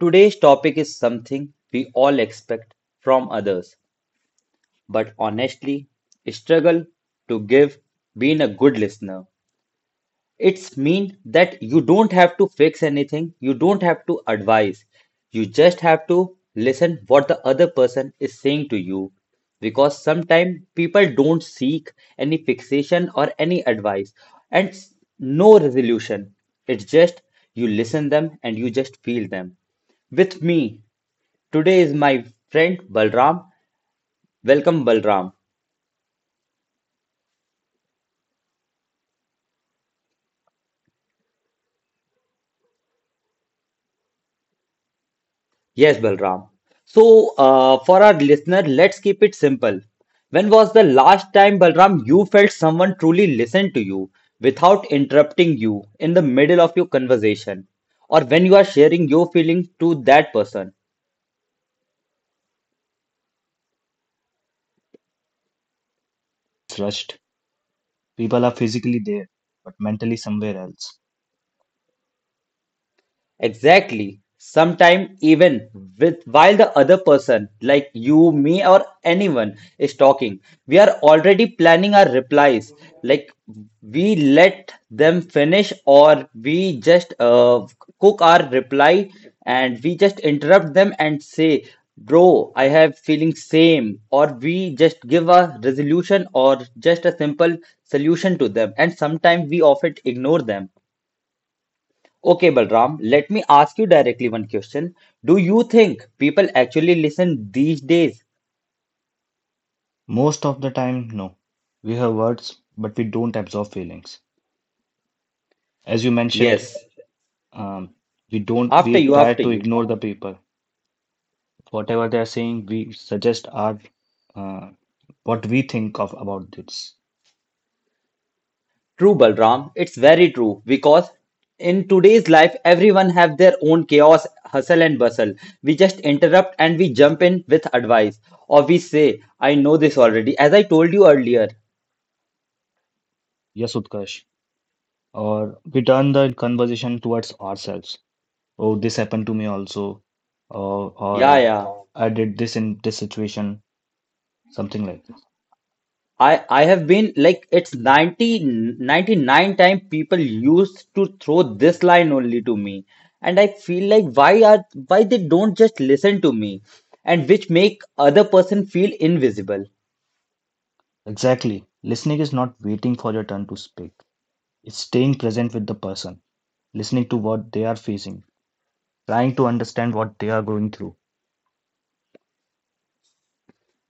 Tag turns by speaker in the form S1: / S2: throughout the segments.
S1: Today's topic is something we all expect from others, but honestly, struggle to give being a good listener. It's mean that you don't have to fix anything, you don't have to advise. You just have to listen what the other person is saying to you because sometimes people don't seek any fixation or any advice and no resolution. It's just you listen them and you just feel them. With me today is my friend Balram. Welcome Balram. Yes, Balram. So, for our listener, let's keep it simple. When was the last time, Balram, you felt someone truly listened to you without interrupting you in the middle of your conversation or when you are sharing your feelings to that person?
S2: It's rushed. People are physically there, but mentally somewhere else.
S1: Exactly. Sometime even with while the other person, like you, me, or anyone, is talking, we are already planning our replies. Like we let them finish, or we just cook our reply, and we just interrupt them and say, "Bro, I have feeling same," or we just give a resolution or just a simple solution to them. And sometimes we often ignore them. Okay, Balram, let me ask you directly one question. Do you think people actually listen these days?
S2: Most of the time, no. We have words, but we don't absorb feelings. As you mentioned,
S1: Yes.
S2: um, we don't.
S1: After
S2: We
S1: you,
S2: try
S1: after
S2: to
S1: you.
S2: ignore the people. Whatever they are saying, we suggest our uh, what we think of about this.
S1: True, Balram. It's very true because in today's life, everyone have their own chaos, hustle and bustle. We just interrupt and we jump in with advice, or we say, "I know this already," as I told you earlier.
S2: Yes, Utkarsh. Or we turn the conversation towards ourselves. Oh, this happened to me also. Or,
S1: Yeah,
S2: or
S1: yeah.
S2: I did this in this situation. Something like that.
S1: I have been like it's ninety ninety nine 99 time people used to throw this line only to me and I feel like why they don't just listen to me and which make other person feel invisible.
S2: Exactly. Listening is not waiting for your turn to speak. It's staying present with the person, listening to what they are facing, trying to understand what they are going through.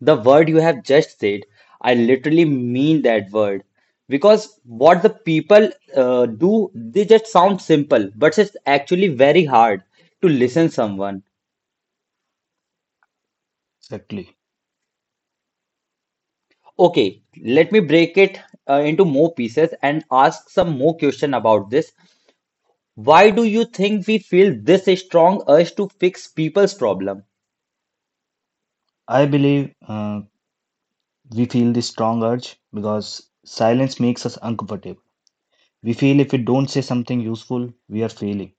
S1: The word you have just said, I literally mean that word because what the people do they just sound simple but it's actually very hard to listen someone.
S2: Exactly.
S1: Okay, let me break it into more pieces and ask some more question about this. Why do you think we feel this strong urge to fix people's problem?
S2: I believe we feel this strong urge because silence makes us uncomfortable. We feel if we don't say something useful, we are failing.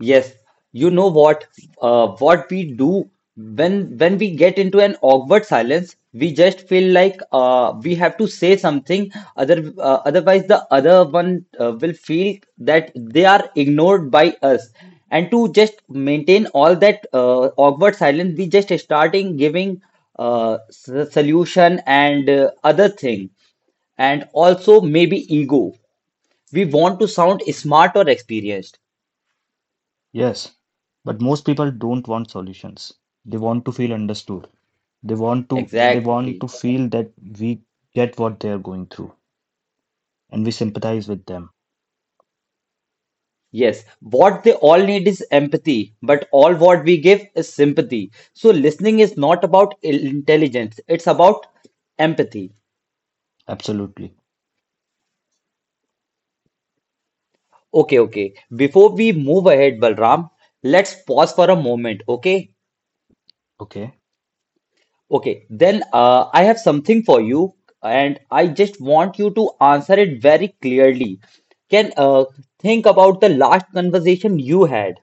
S1: Yes, you know what? What we do when we get into an awkward silence, we just feel like we have to say something. Otherwise, the other one will feel that they are ignored by us. And to just maintain all that awkward silence, we just starting giving solution and other thing, and also maybe ego. We want to sound smart or experienced.
S2: Yes, but most people don't want solutions. They want to feel understood. They want to they want
S1: Exactly.
S2: to feel that we get what they are going through and we sympathize with them.
S1: Yes, what they all need is empathy, but all what we give is sympathy. So listening is not about intelligence, it's about empathy.
S2: Absolutely.
S1: Okay, okay. Before we move ahead, Balram, let's pause for a moment, okay?
S2: Okay.
S1: Okay, then I have something for you, and I just want you to answer it very clearly. Can think about the last conversation you had.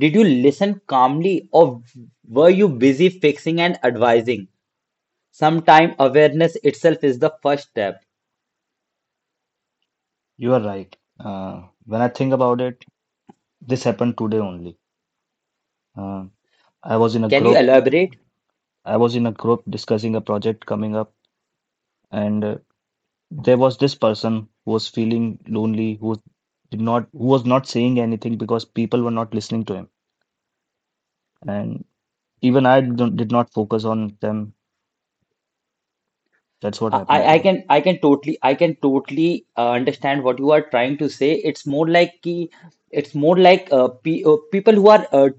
S1: Did you listen calmly, or were you busy fixing and advising? Sometimes awareness itself is the first step.
S2: You are right. When I think about it, this happened today only. Uh, I was in a
S1: Can you
S2: group.
S1: elaborate?
S2: I was in a group discussing a project coming up, and there was this person who was feeling lonely, who was not saying anything because people were not listening to him, and even I don't, did not focus on them. That's what happened today.
S1: I can totally understand what you are trying to say. It's more like pe people who are uh,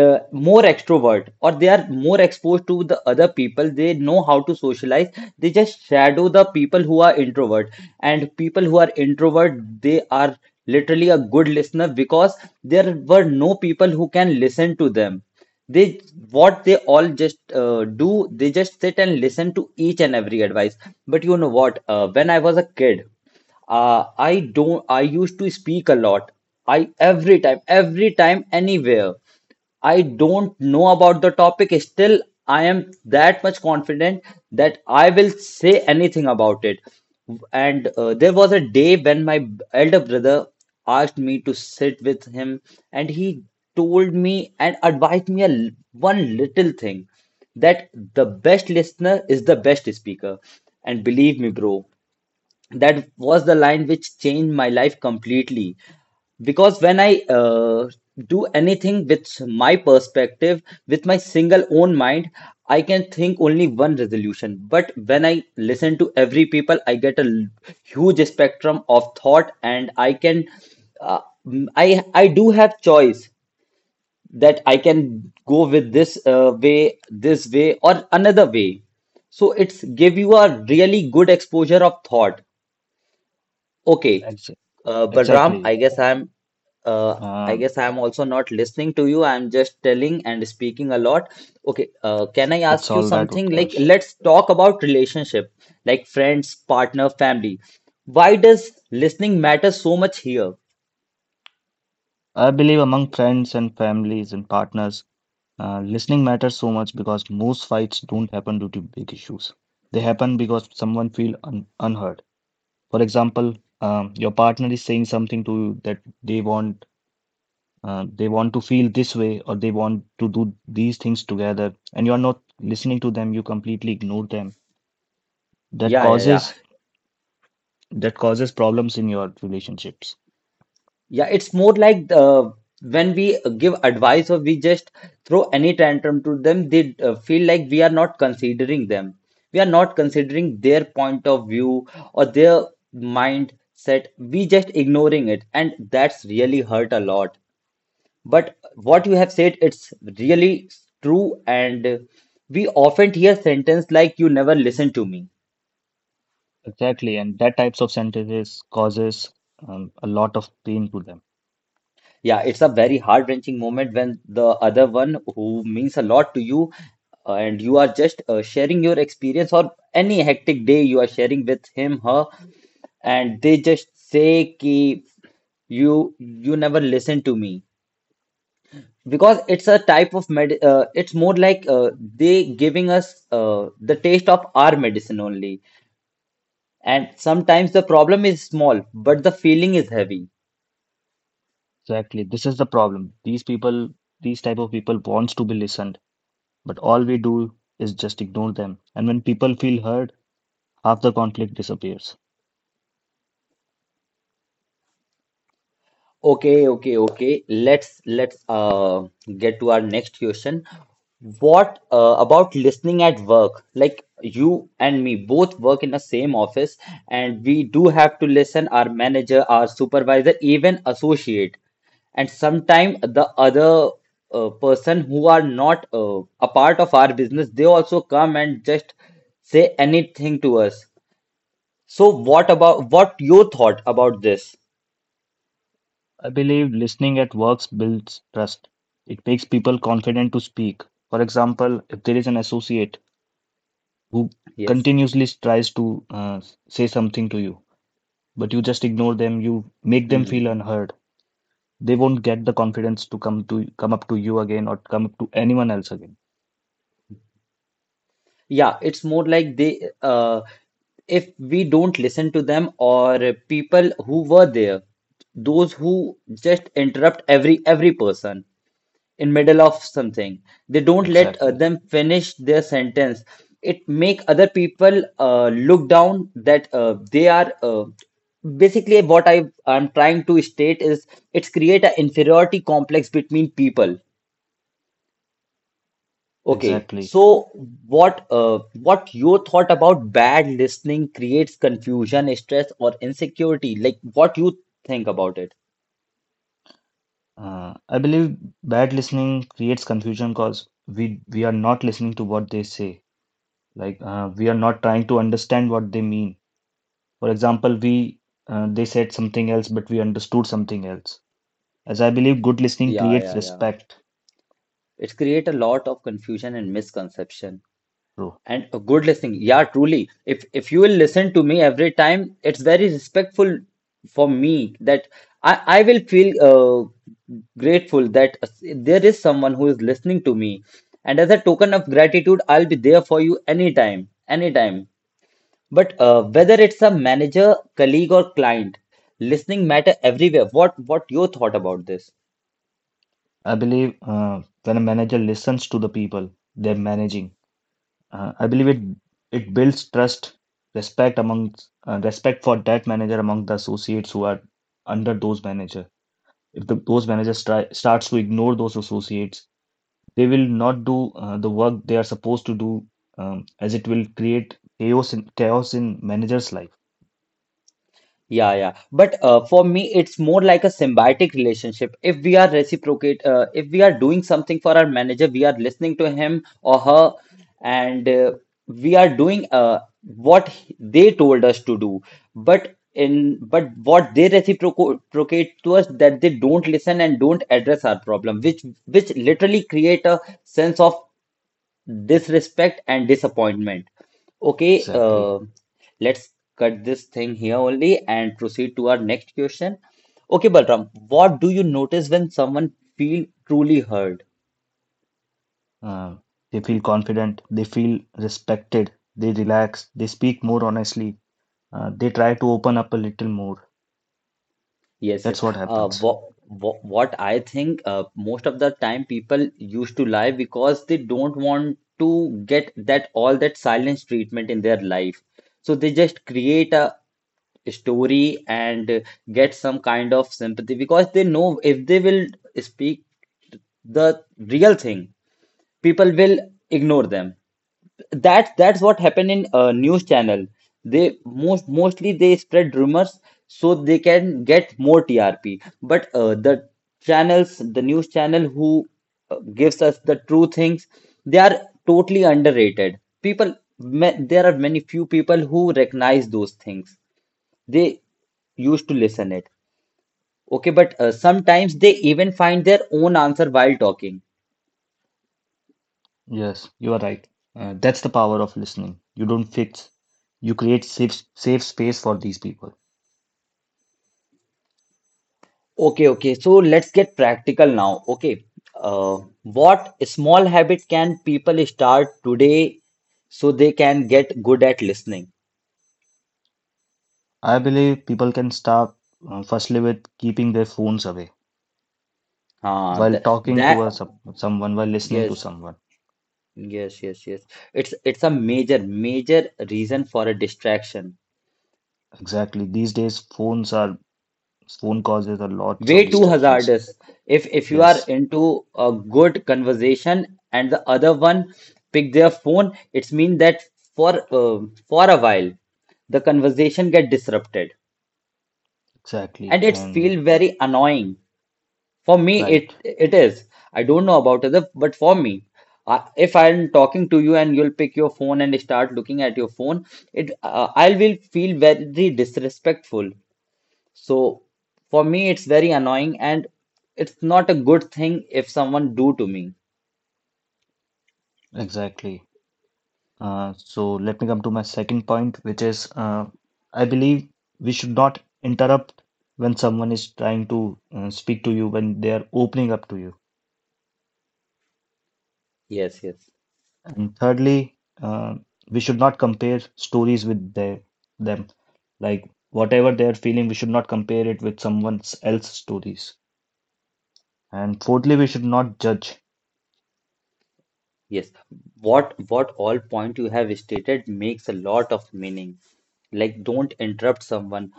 S1: uh, more extrovert or they are more exposed to the other people. They know how to socialize. They just shadow the people who are introvert. And people who are introvert, they are literally a good listener because there were no people who can listen to them. They What they all just do, they just sit and listen to each and every advice, but you know what, when I was a kid I don't I used to speak a lot. I every time anywhere, I don't know about the topic. Still, I am that much confident that I will say anything about it. And there was a day when my elder brother asked me to sit with him, and he told me and advised me one little thing that the best listener is the best speaker. And believe me, bro, that was the line which changed my life completely because when I do anything with my perspective with my single own mind, I can think only one resolution, but when I listen to every people I get huge spectrum of thought, and I can uh, I do have choice that I can go with this way or another way, so it's give you a really good exposure of thought. Okay,
S2: Ex
S1: Balram, I
S2: exactly.
S1: guess uh, I
S2: Uh,
S1: guess I'm also not listening to you. I'm just telling and speaking a lot. Okay, can I
S2: it's
S1: ask you
S2: all right,
S1: something? Like,
S2: Utkarsh.
S1: let's talk about relationship, like friends, partner, family. Why does listening matter so much here?
S2: I believe among friends and families and partners. Listening matters so much because most fights don't happen due to big issues. They happen because someone feel un unheard. For example, your partner is saying something to you that they want to feel this way or they want to do these things together, and you're not listening to them. You completely ignore them. That
S1: Yeah, yeah, yeah.
S2: causes that causes problems in your relationships.
S1: Yeah, it's more like when we give advice or we just throw any tantrum to them, they feel like we are not considering them. We are not considering their point of view or their mindset. We just ignoring it, and that's really hurt a lot. But what you have said, it's really true, and we often hear sentence like "you never listen to me."
S2: Exactly, and that types of sentences causes a lot of pain to them.
S1: Yeah, it's a very heart-wrenching moment when the other one who means a lot to you and you are just sharing your experience or any hectic day you are sharing with him, her, and they just say ki you you never listen to me, because it's a type of med it's more like they giving us the taste of our medicine only. And sometimes the problem is small, but the feeling is heavy.
S2: Exactly. This is the problem. These type of people wants to be listened, but all we do is just ignore them. And when people feel heard, half the conflict disappears.
S1: Okay, okay, okay. Let's get to our next question. What about listening at work? Like you and me both work in the same office, and we do have to listen our manager, our supervisor, even associate, and sometimes the other person who are not a part of our business, they also come and just say anything to us. So what your thought about this?
S2: I believe listening at works builds trust. It makes people confident to speak. For example, if there is an associate who
S1: Yes.
S2: continuously tries to say something to you, but you just ignore them, you make them
S1: Hmm.
S2: feel unheard. They won't get the confidence to come up to you again or come up to anyone else again.
S1: Yeah, it's more like they if we don't listen to them, or people who were there, those who just interrupt every person in middle of something, they don't let
S2: Exactly.
S1: them finish their sentence. It make other people look down that they are basically, what I'm trying to state is, it's create an inferiority complex between people. Okay,
S2: Exactly.
S1: so what your thought about bad listening creates confusion, stress, or insecurity? Like what you think about it?
S2: I believe bad listening creates confusion because we are not listening to what they say. Like we are not trying to understand what they mean. For example, we they said something else, but we understood something else. As I believe, good listening
S1: Yeah,
S2: creates
S1: yeah, yeah.
S2: respect,
S1: It create a lot of confusion and misconception.
S2: bro.
S1: And a good listening, yeah, truly. If you will listen to me every time, it's very respectful for me that I will feel grateful that there is someone who is listening to me. And as a token of gratitude, I'll be there for you anytime, anytime. But whether it's a manager, colleague, or client, listening matter everywhere. What your thought about this?
S2: I believe when a manager listens to the people they're managing, I believe it builds trust, respect among respect for that manager among the associates who are under those managers. If those managers starts to ignore those associates, they will not do the work they are supposed to do, as it will create chaos in manager's life.
S1: Yeah, yeah. But for me, it's more like a symbiotic relationship. If we are doing something for our manager, we are listening to him or her, and we are doing what they told us to do. But what they reciprocate to us, that they don't listen and don't address our problem, which literally create a sense of disrespect and disappointment. Okay,
S2: Exactly.
S1: let's cut this thing here only and proceed to our next question. Okay, Balram, what do you notice when someone feel truly heard?
S2: Um they feel confident. They feel respected. They relax. They speak more honestly. They try to open up a little more.
S1: Yes, yes.
S2: That's what
S1: Uh,
S2: happens.
S1: what, what I think most of the time, people used to lie because they don't want to get that all that silence treatment in their life. So they just create a story and get some kind of sympathy, because they know if they will speak the real thing, people will ignore them. That's what happened in news channel. They most mostly they spread rumors so they can get more TRP. But the news channel who gives us the true things, they are totally underrated. People, ma There are many few people who recognize those things. They used to listen it. Okay, but sometimes they even find their own answer while talking.
S2: Yes, you are right. That's the power of listening. You don't fix. You create safe space for these people.
S1: Okay, okay. So let's get practical now. Okay. What small habit can people start today so they can get good at listening?
S2: I believe people can start firstly with keeping their phones away while
S1: Th
S2: talking to
S1: that
S2: someone, while listening to
S1: Yes,
S2: someone.
S1: yes, yes, yes. It's a major, major reason for a distraction.
S2: Exactly. These days, phone causes a lots of
S1: Way too
S2: distractions.
S1: hazardous. If you are
S2: Yes,
S1: into a good conversation and the other one pick their phone, it's mean that for uh, for a while the conversation get disrupted
S2: exactly.
S1: and it
S2: And
S1: feels very annoying for me.
S2: right,
S1: It is, I don't know about other, but for me if I'm talking to you and you'll pick your phone and start looking at your phone it I will feel very disrespectful. So for me it's very annoying and it's not a good thing if someone do to me.
S2: exactly. So let me come to my second point, which is I believe we should not interrupt when someone is trying to speak to you, when they are opening up to you.
S1: Yes,
S2: And thirdly, uh, we should not compare stories with them. Like whatever they are feeling, we should not compare it with someone else's stories. And fourthly, we should not judge.
S1: yes. What all point you have stated makes a lot of meaning. Like, don't interrupt someone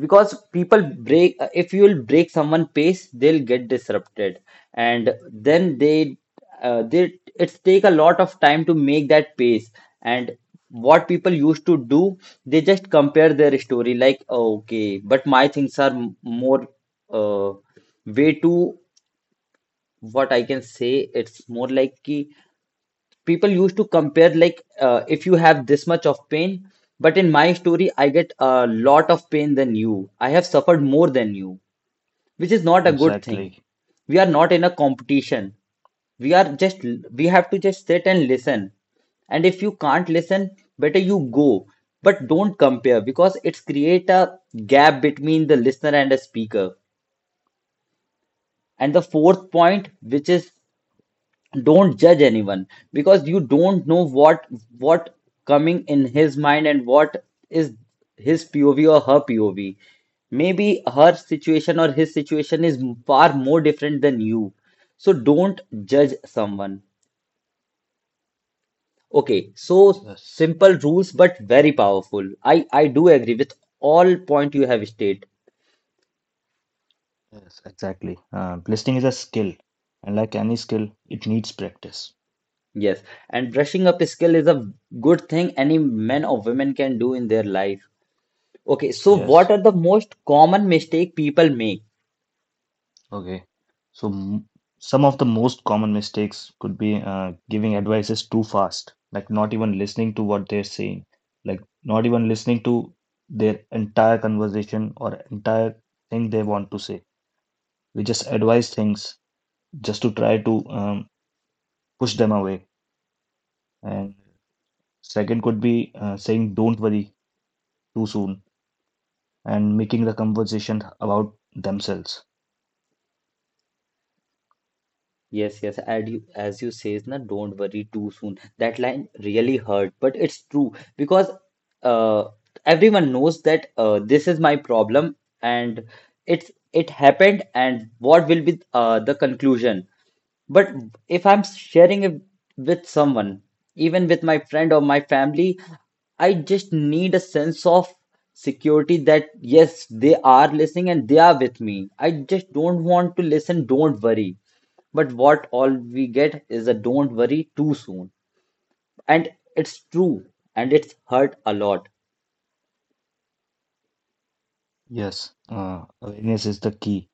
S1: because people break. If you will break someone' pace, they'll get disrupted, and then they it's take a lot of time to make that pace. And what people used to do, they just compare their story like, "Oh, okay, but my things are more uh, way too, what I can say. It's more like ki people used to compare like if you have this much of pain, but in my story, I get a lot of pain than you. I have suffered more than you," which is not a good thing.
S2: Exactly.
S1: We are not in a competition. We are just we have to just sit and listen. And if you can't listen, better you go. But don't compare because it's create a gap between the listener and the speaker. And the fourth point, which is don't judge anyone because you don't know what coming in his mind and what is his POV or her POV. Maybe her situation or his situation is far more different than you, so don't judge someone. Okay, so
S2: Yes.
S1: simple rules but very powerful. I do agree with all point you have stated.
S2: Yes, exactly. Listening is a skill, and like any skill, it needs practice.
S1: Yes, and brushing up skill is a good thing any man or women can do in their life. Okay, so
S2: Yes.
S1: what are the most common mistake people make?
S2: Okay. So, some of the most common mistakes could be giving advices too fast, like not even listening to what they're saying, like not even listening to their entire conversation or entire thing they want to say. We just advise things just to try to push them away. And second could be saying don't worry too soon and making the conversation about themselves.
S1: Yes, yes. As you says, na, don't worry too soon. That line really hurt, but it's true because uh, everyone knows that this is my problem, and it happened, and what will be the conclusion? But if I'm sharing it with someone, even with my friend or my family, I just need a sense of security that yes, they are listening and they are with me. I just don't want to listen, don't worry. But what all we get is a don't worry too soon. And it's true and it's hurt a lot.
S2: Yes, awareness is the key.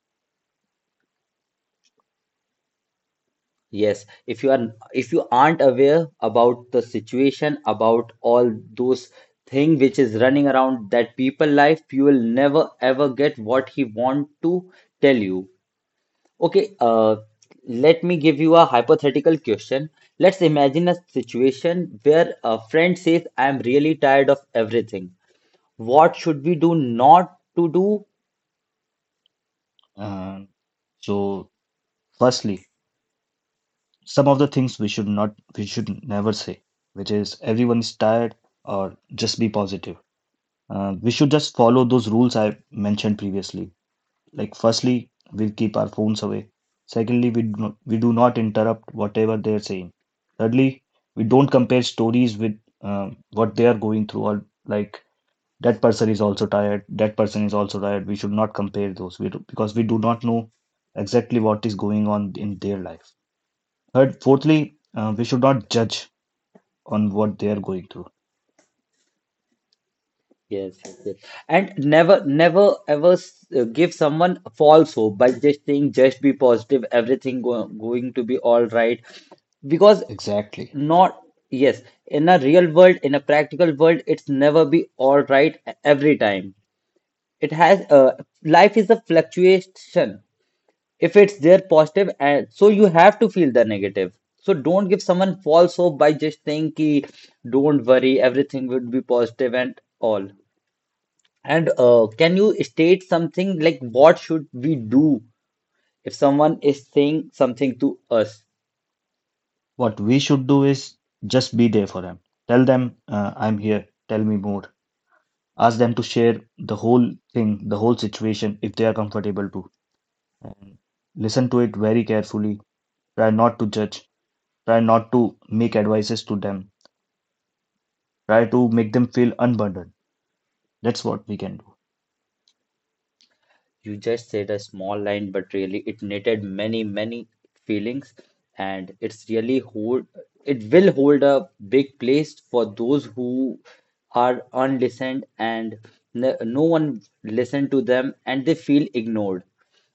S1: Yes, if you aren't aware about the situation, about all those thing which is running around that people life, you will never ever get what he want to tell you. Okay, let me give you a hypothetical question. Let's imagine a situation where a friend says, "I am really tired of everything." What should we do, not to do?
S2: Uh, so, firstly, some of the things we should never say, which is everyone is tired or just be positive. We should just follow those rules I mentioned previously. Like firstly, we'll keep our phones away. Secondly, we do not interrupt whatever they're saying. Thirdly, we don't compare stories with what they are going through, or like that person is also tired, we should not compare those, because we do not know exactly what is going on in their life. Fourthly, we should not judge on what they are going through.
S1: Yes. And never ever give someone false hope by just saying just be positive, everything go going to be all right, because
S2: Exactly.
S1: not yes, in a real world, in a practical world, it's never be all right every time. It has Life is a fluctuation. If it's there positive, and so you have to feel the negative. So don't give someone false hope by just saying ki don't worry, everything would be positive and all. And can you state something like what should we do if someone is saying something to us?
S2: What we should do is just be there for them. Tell them, I'm here. Tell me more. Ask them to share the whole thing, the whole situation, if they are comfortable to. And listen to it very carefully. Try not to judge. Try not to make advices to them. Try to make them feel unburdened. That's what we can do.
S1: You just said a small line, but really it knitted many, many feelings, and it's really hold, it will hold a big place for those who are unlistened and no one listened to them and they feel ignored.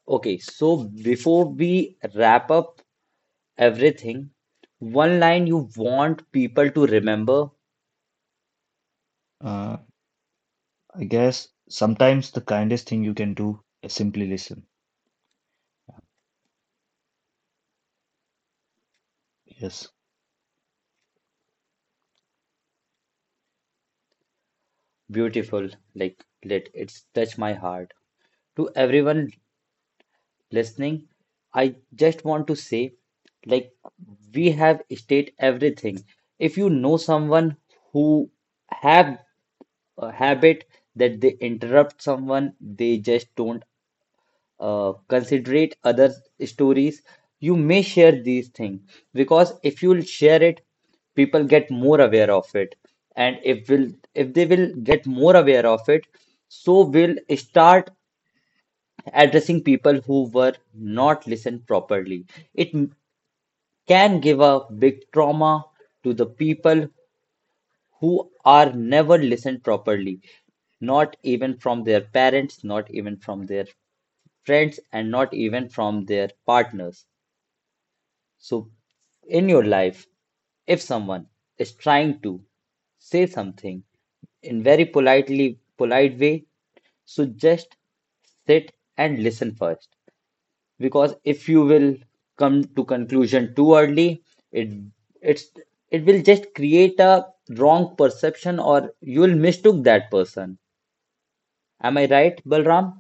S1: Okay, so before we wrap up everything, one line you want people to remember.
S2: Uh, I guess sometimes the kindest thing you can do is simply listen. Yes.
S1: Beautiful, like, let it's touch my heart. To everyone listening, I just want to say, like, we have state everything. If you know someone who have a habit that they interrupt someone, they just don't considerate other stories, you may share these things because if you'll share it, people get more aware of it. And if will if they will get more aware of it, so will start addressing people who were not listened properly. It can give a big trauma to the people who are never listened properly, not even from their parents, not even from their friends, and not even from their partners. So, in your life, if someone is trying to say something in very polite way, so just sit and listen first, because if you will come to conclusion too early, it it's it will just create a wrong perception or you will mistook that person. Am I right, Balram?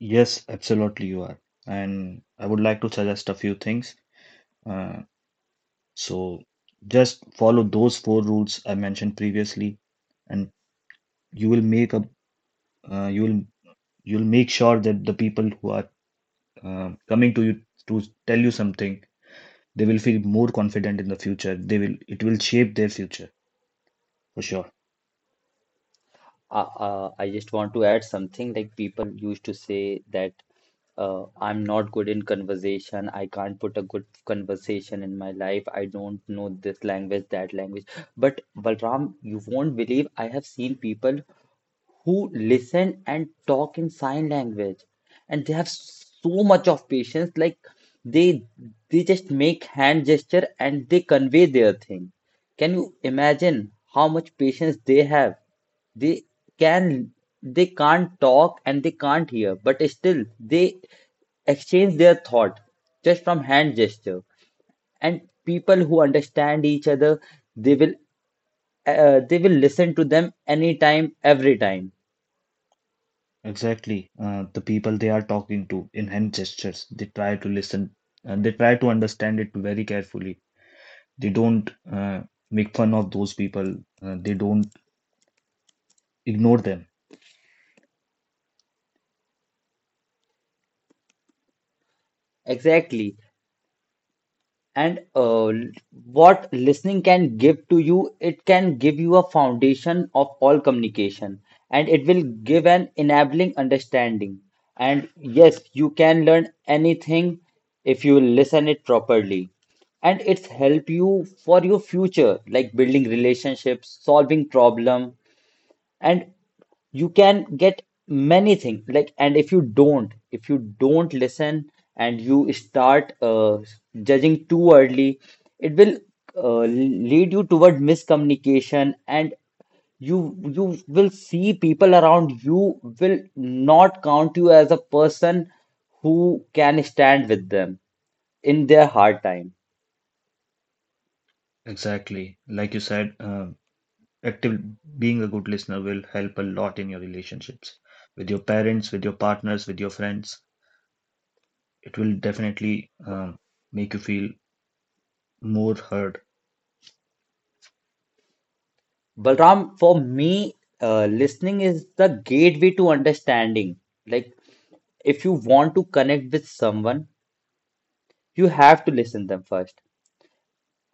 S2: Yes, absolutely you are. And I would like to suggest a few things. Uh, so just follow those four rules I mentioned previously, and you will uh, you will you'll make sure that the people who are coming to you to tell you something, they will feel more confident in the future. They will it will shape their future for sure.
S1: I just want to add something. Like people used to say that I'm not good in conversation, I can't put a good conversation in my life, I don't know this language, that language. But Balram, you won't believe, I have seen people who listen and talk in sign language and they have so much of patience. Like they they just make hand gesture and they convey their thing. Can you imagine how much patience they have? They can, they can't talk and they can't hear, but still they exchange their thought just from hand gesture. And people who understand each other, they will they will listen to them anytime, every time.
S2: Exactly. The people they are talking to in hand gestures, they try to listen and they try to understand it very carefully. They don't make fun of those people, they don't ignore them.
S1: Exactly. And what listening can give to you, it can give you a foundation of all communication and it will give an enabling understanding. And yes, you can learn anything if you listen it properly. And it's help you for your future, like building relationships, solving problem, and you can get many things. Like, and if you don't listen and you start judging too early, it will lead you toward miscommunication, and you will see people around you will not count you as a person who can stand with them in their hard time.
S2: Exactly. Like you said, active being a good listener will help a lot in your relationships with your parents, with your partners, with your friends. It will definitely make you feel more heard.
S1: Balram, for me, listening is the gateway to understanding. Like, if you want to connect with someone, you have to listen them first.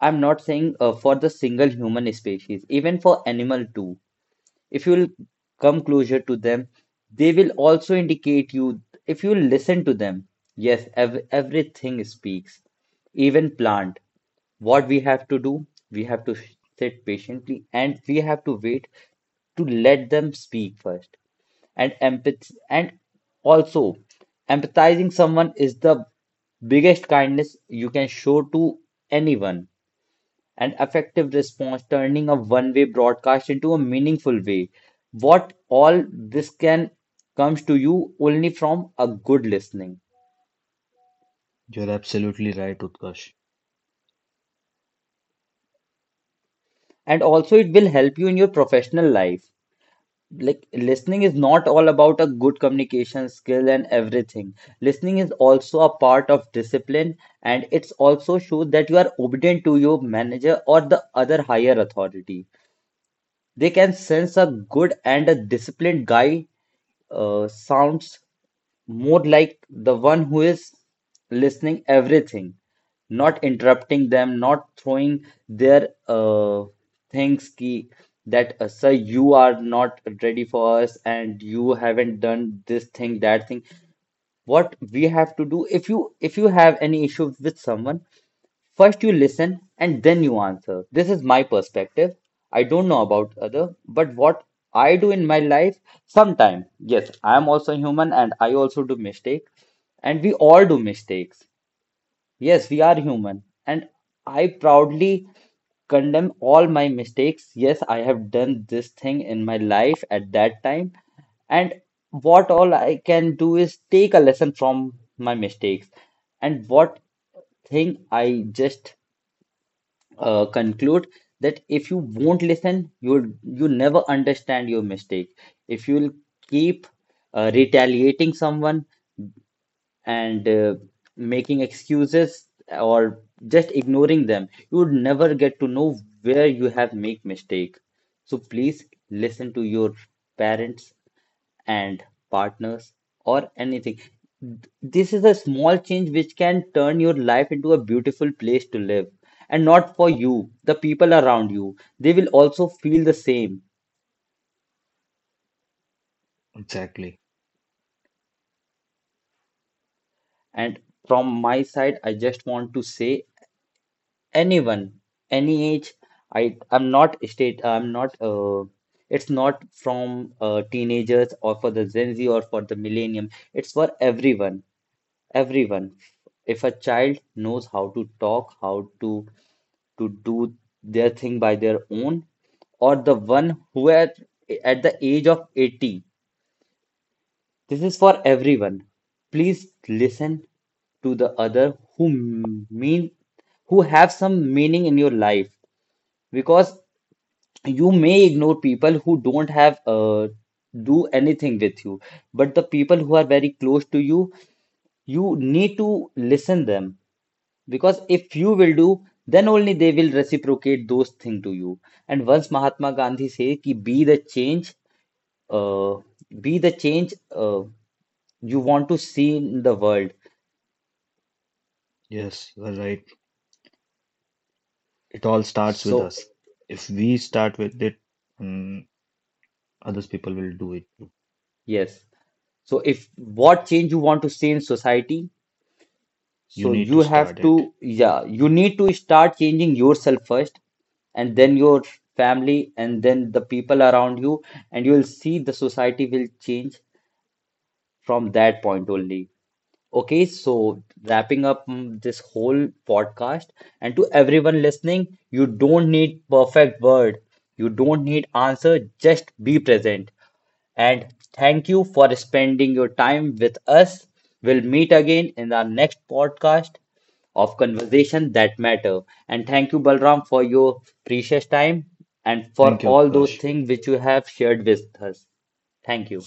S1: I'm not saying for the single human species, even for animal too. If you'll come closer to them, they will also indicate you. If you will listen to them, yes, everything speaks, even plant. What we have to do? We have to sit patiently and we have to wait to let them speak first, and empath and also empathizing someone is the biggest kindness you can show to anyone, and effective response, turning a one way broadcast into a meaningful way. What all this can comes to you only from a good listening.
S2: You're absolutely right, Utkarsh.
S1: And also, it will help you in your professional life. Like, listening is not all about a good communication skill and everything. Listening is also a part of discipline, and it's also shows that you are obedient to your manager or the other higher authority. They can sense a good and a disciplined guy sounds more like the one who is listening everything, not interrupting them, not throwing their things ki that sir you are not ready for us and you haven't done this thing, that thing. What we have to do, if you have any issue with someone, first you listen and then you answer. This is my perspective. I don't know about other, but what I do in my life sometime. Yes, I am also human and I also do mistake, and we all do mistakes. Yes, we are human and I proudly condemn all my mistakes. Yes, I have done this thing in my life at that time, and what all I can do is take a lesson from my mistakes. And what thing I just conclude, that if you won't listen, you never understand your mistake. If you'll keep retaliating someone, and making excuses or just ignoring them, you would never get to know where you have made mistake. So please listen to your parents and partners or anything. This is a small change which can turn your life into a beautiful place to live, and not for you, the people around you, they will also feel the same.
S2: Exactly.
S1: And from my side, I just want to say, anyone, any age, I I'm not state I'm not it's not from teenagers or for the Gen Z or for the millennium, it's for everyone. Everyone, if a child knows how to talk, how to do their thing by their own, or the one who at the age of 80, this is for everyone. Please listen to the other who m- mean who have some meaning in your life, because you may ignore people who don't have do anything with you, but the people who are very close to you, you need to listen them, because if you will do, then only they will reciprocate those things to you. And once Mahatma Gandhi say ki be the change, uh, be the change you want to see in the world.
S2: Yes, you are right. It all starts with
S1: So
S2: us. If we start with it, mm, others people will do it too.
S1: yes, so if what change you want to see in society,
S2: You
S1: so
S2: need
S1: you
S2: to start
S1: have
S2: it.
S1: to, yeah, you need to start changing yourself first, and then your family, and then the people around you, and you will see the society will change from that point only. Okay, so wrapping up mm, this whole podcast, and to everyone listening, you don't need perfect word, you don't need answer, just be present. And thank you for spending your time with us. We'll meet again in our next podcast of Conversation That Matter. And thank you, Balram, for your precious time and for
S2: Thank you,
S1: all those
S2: Utkarsh.
S1: things which you have shared with us. Thank you.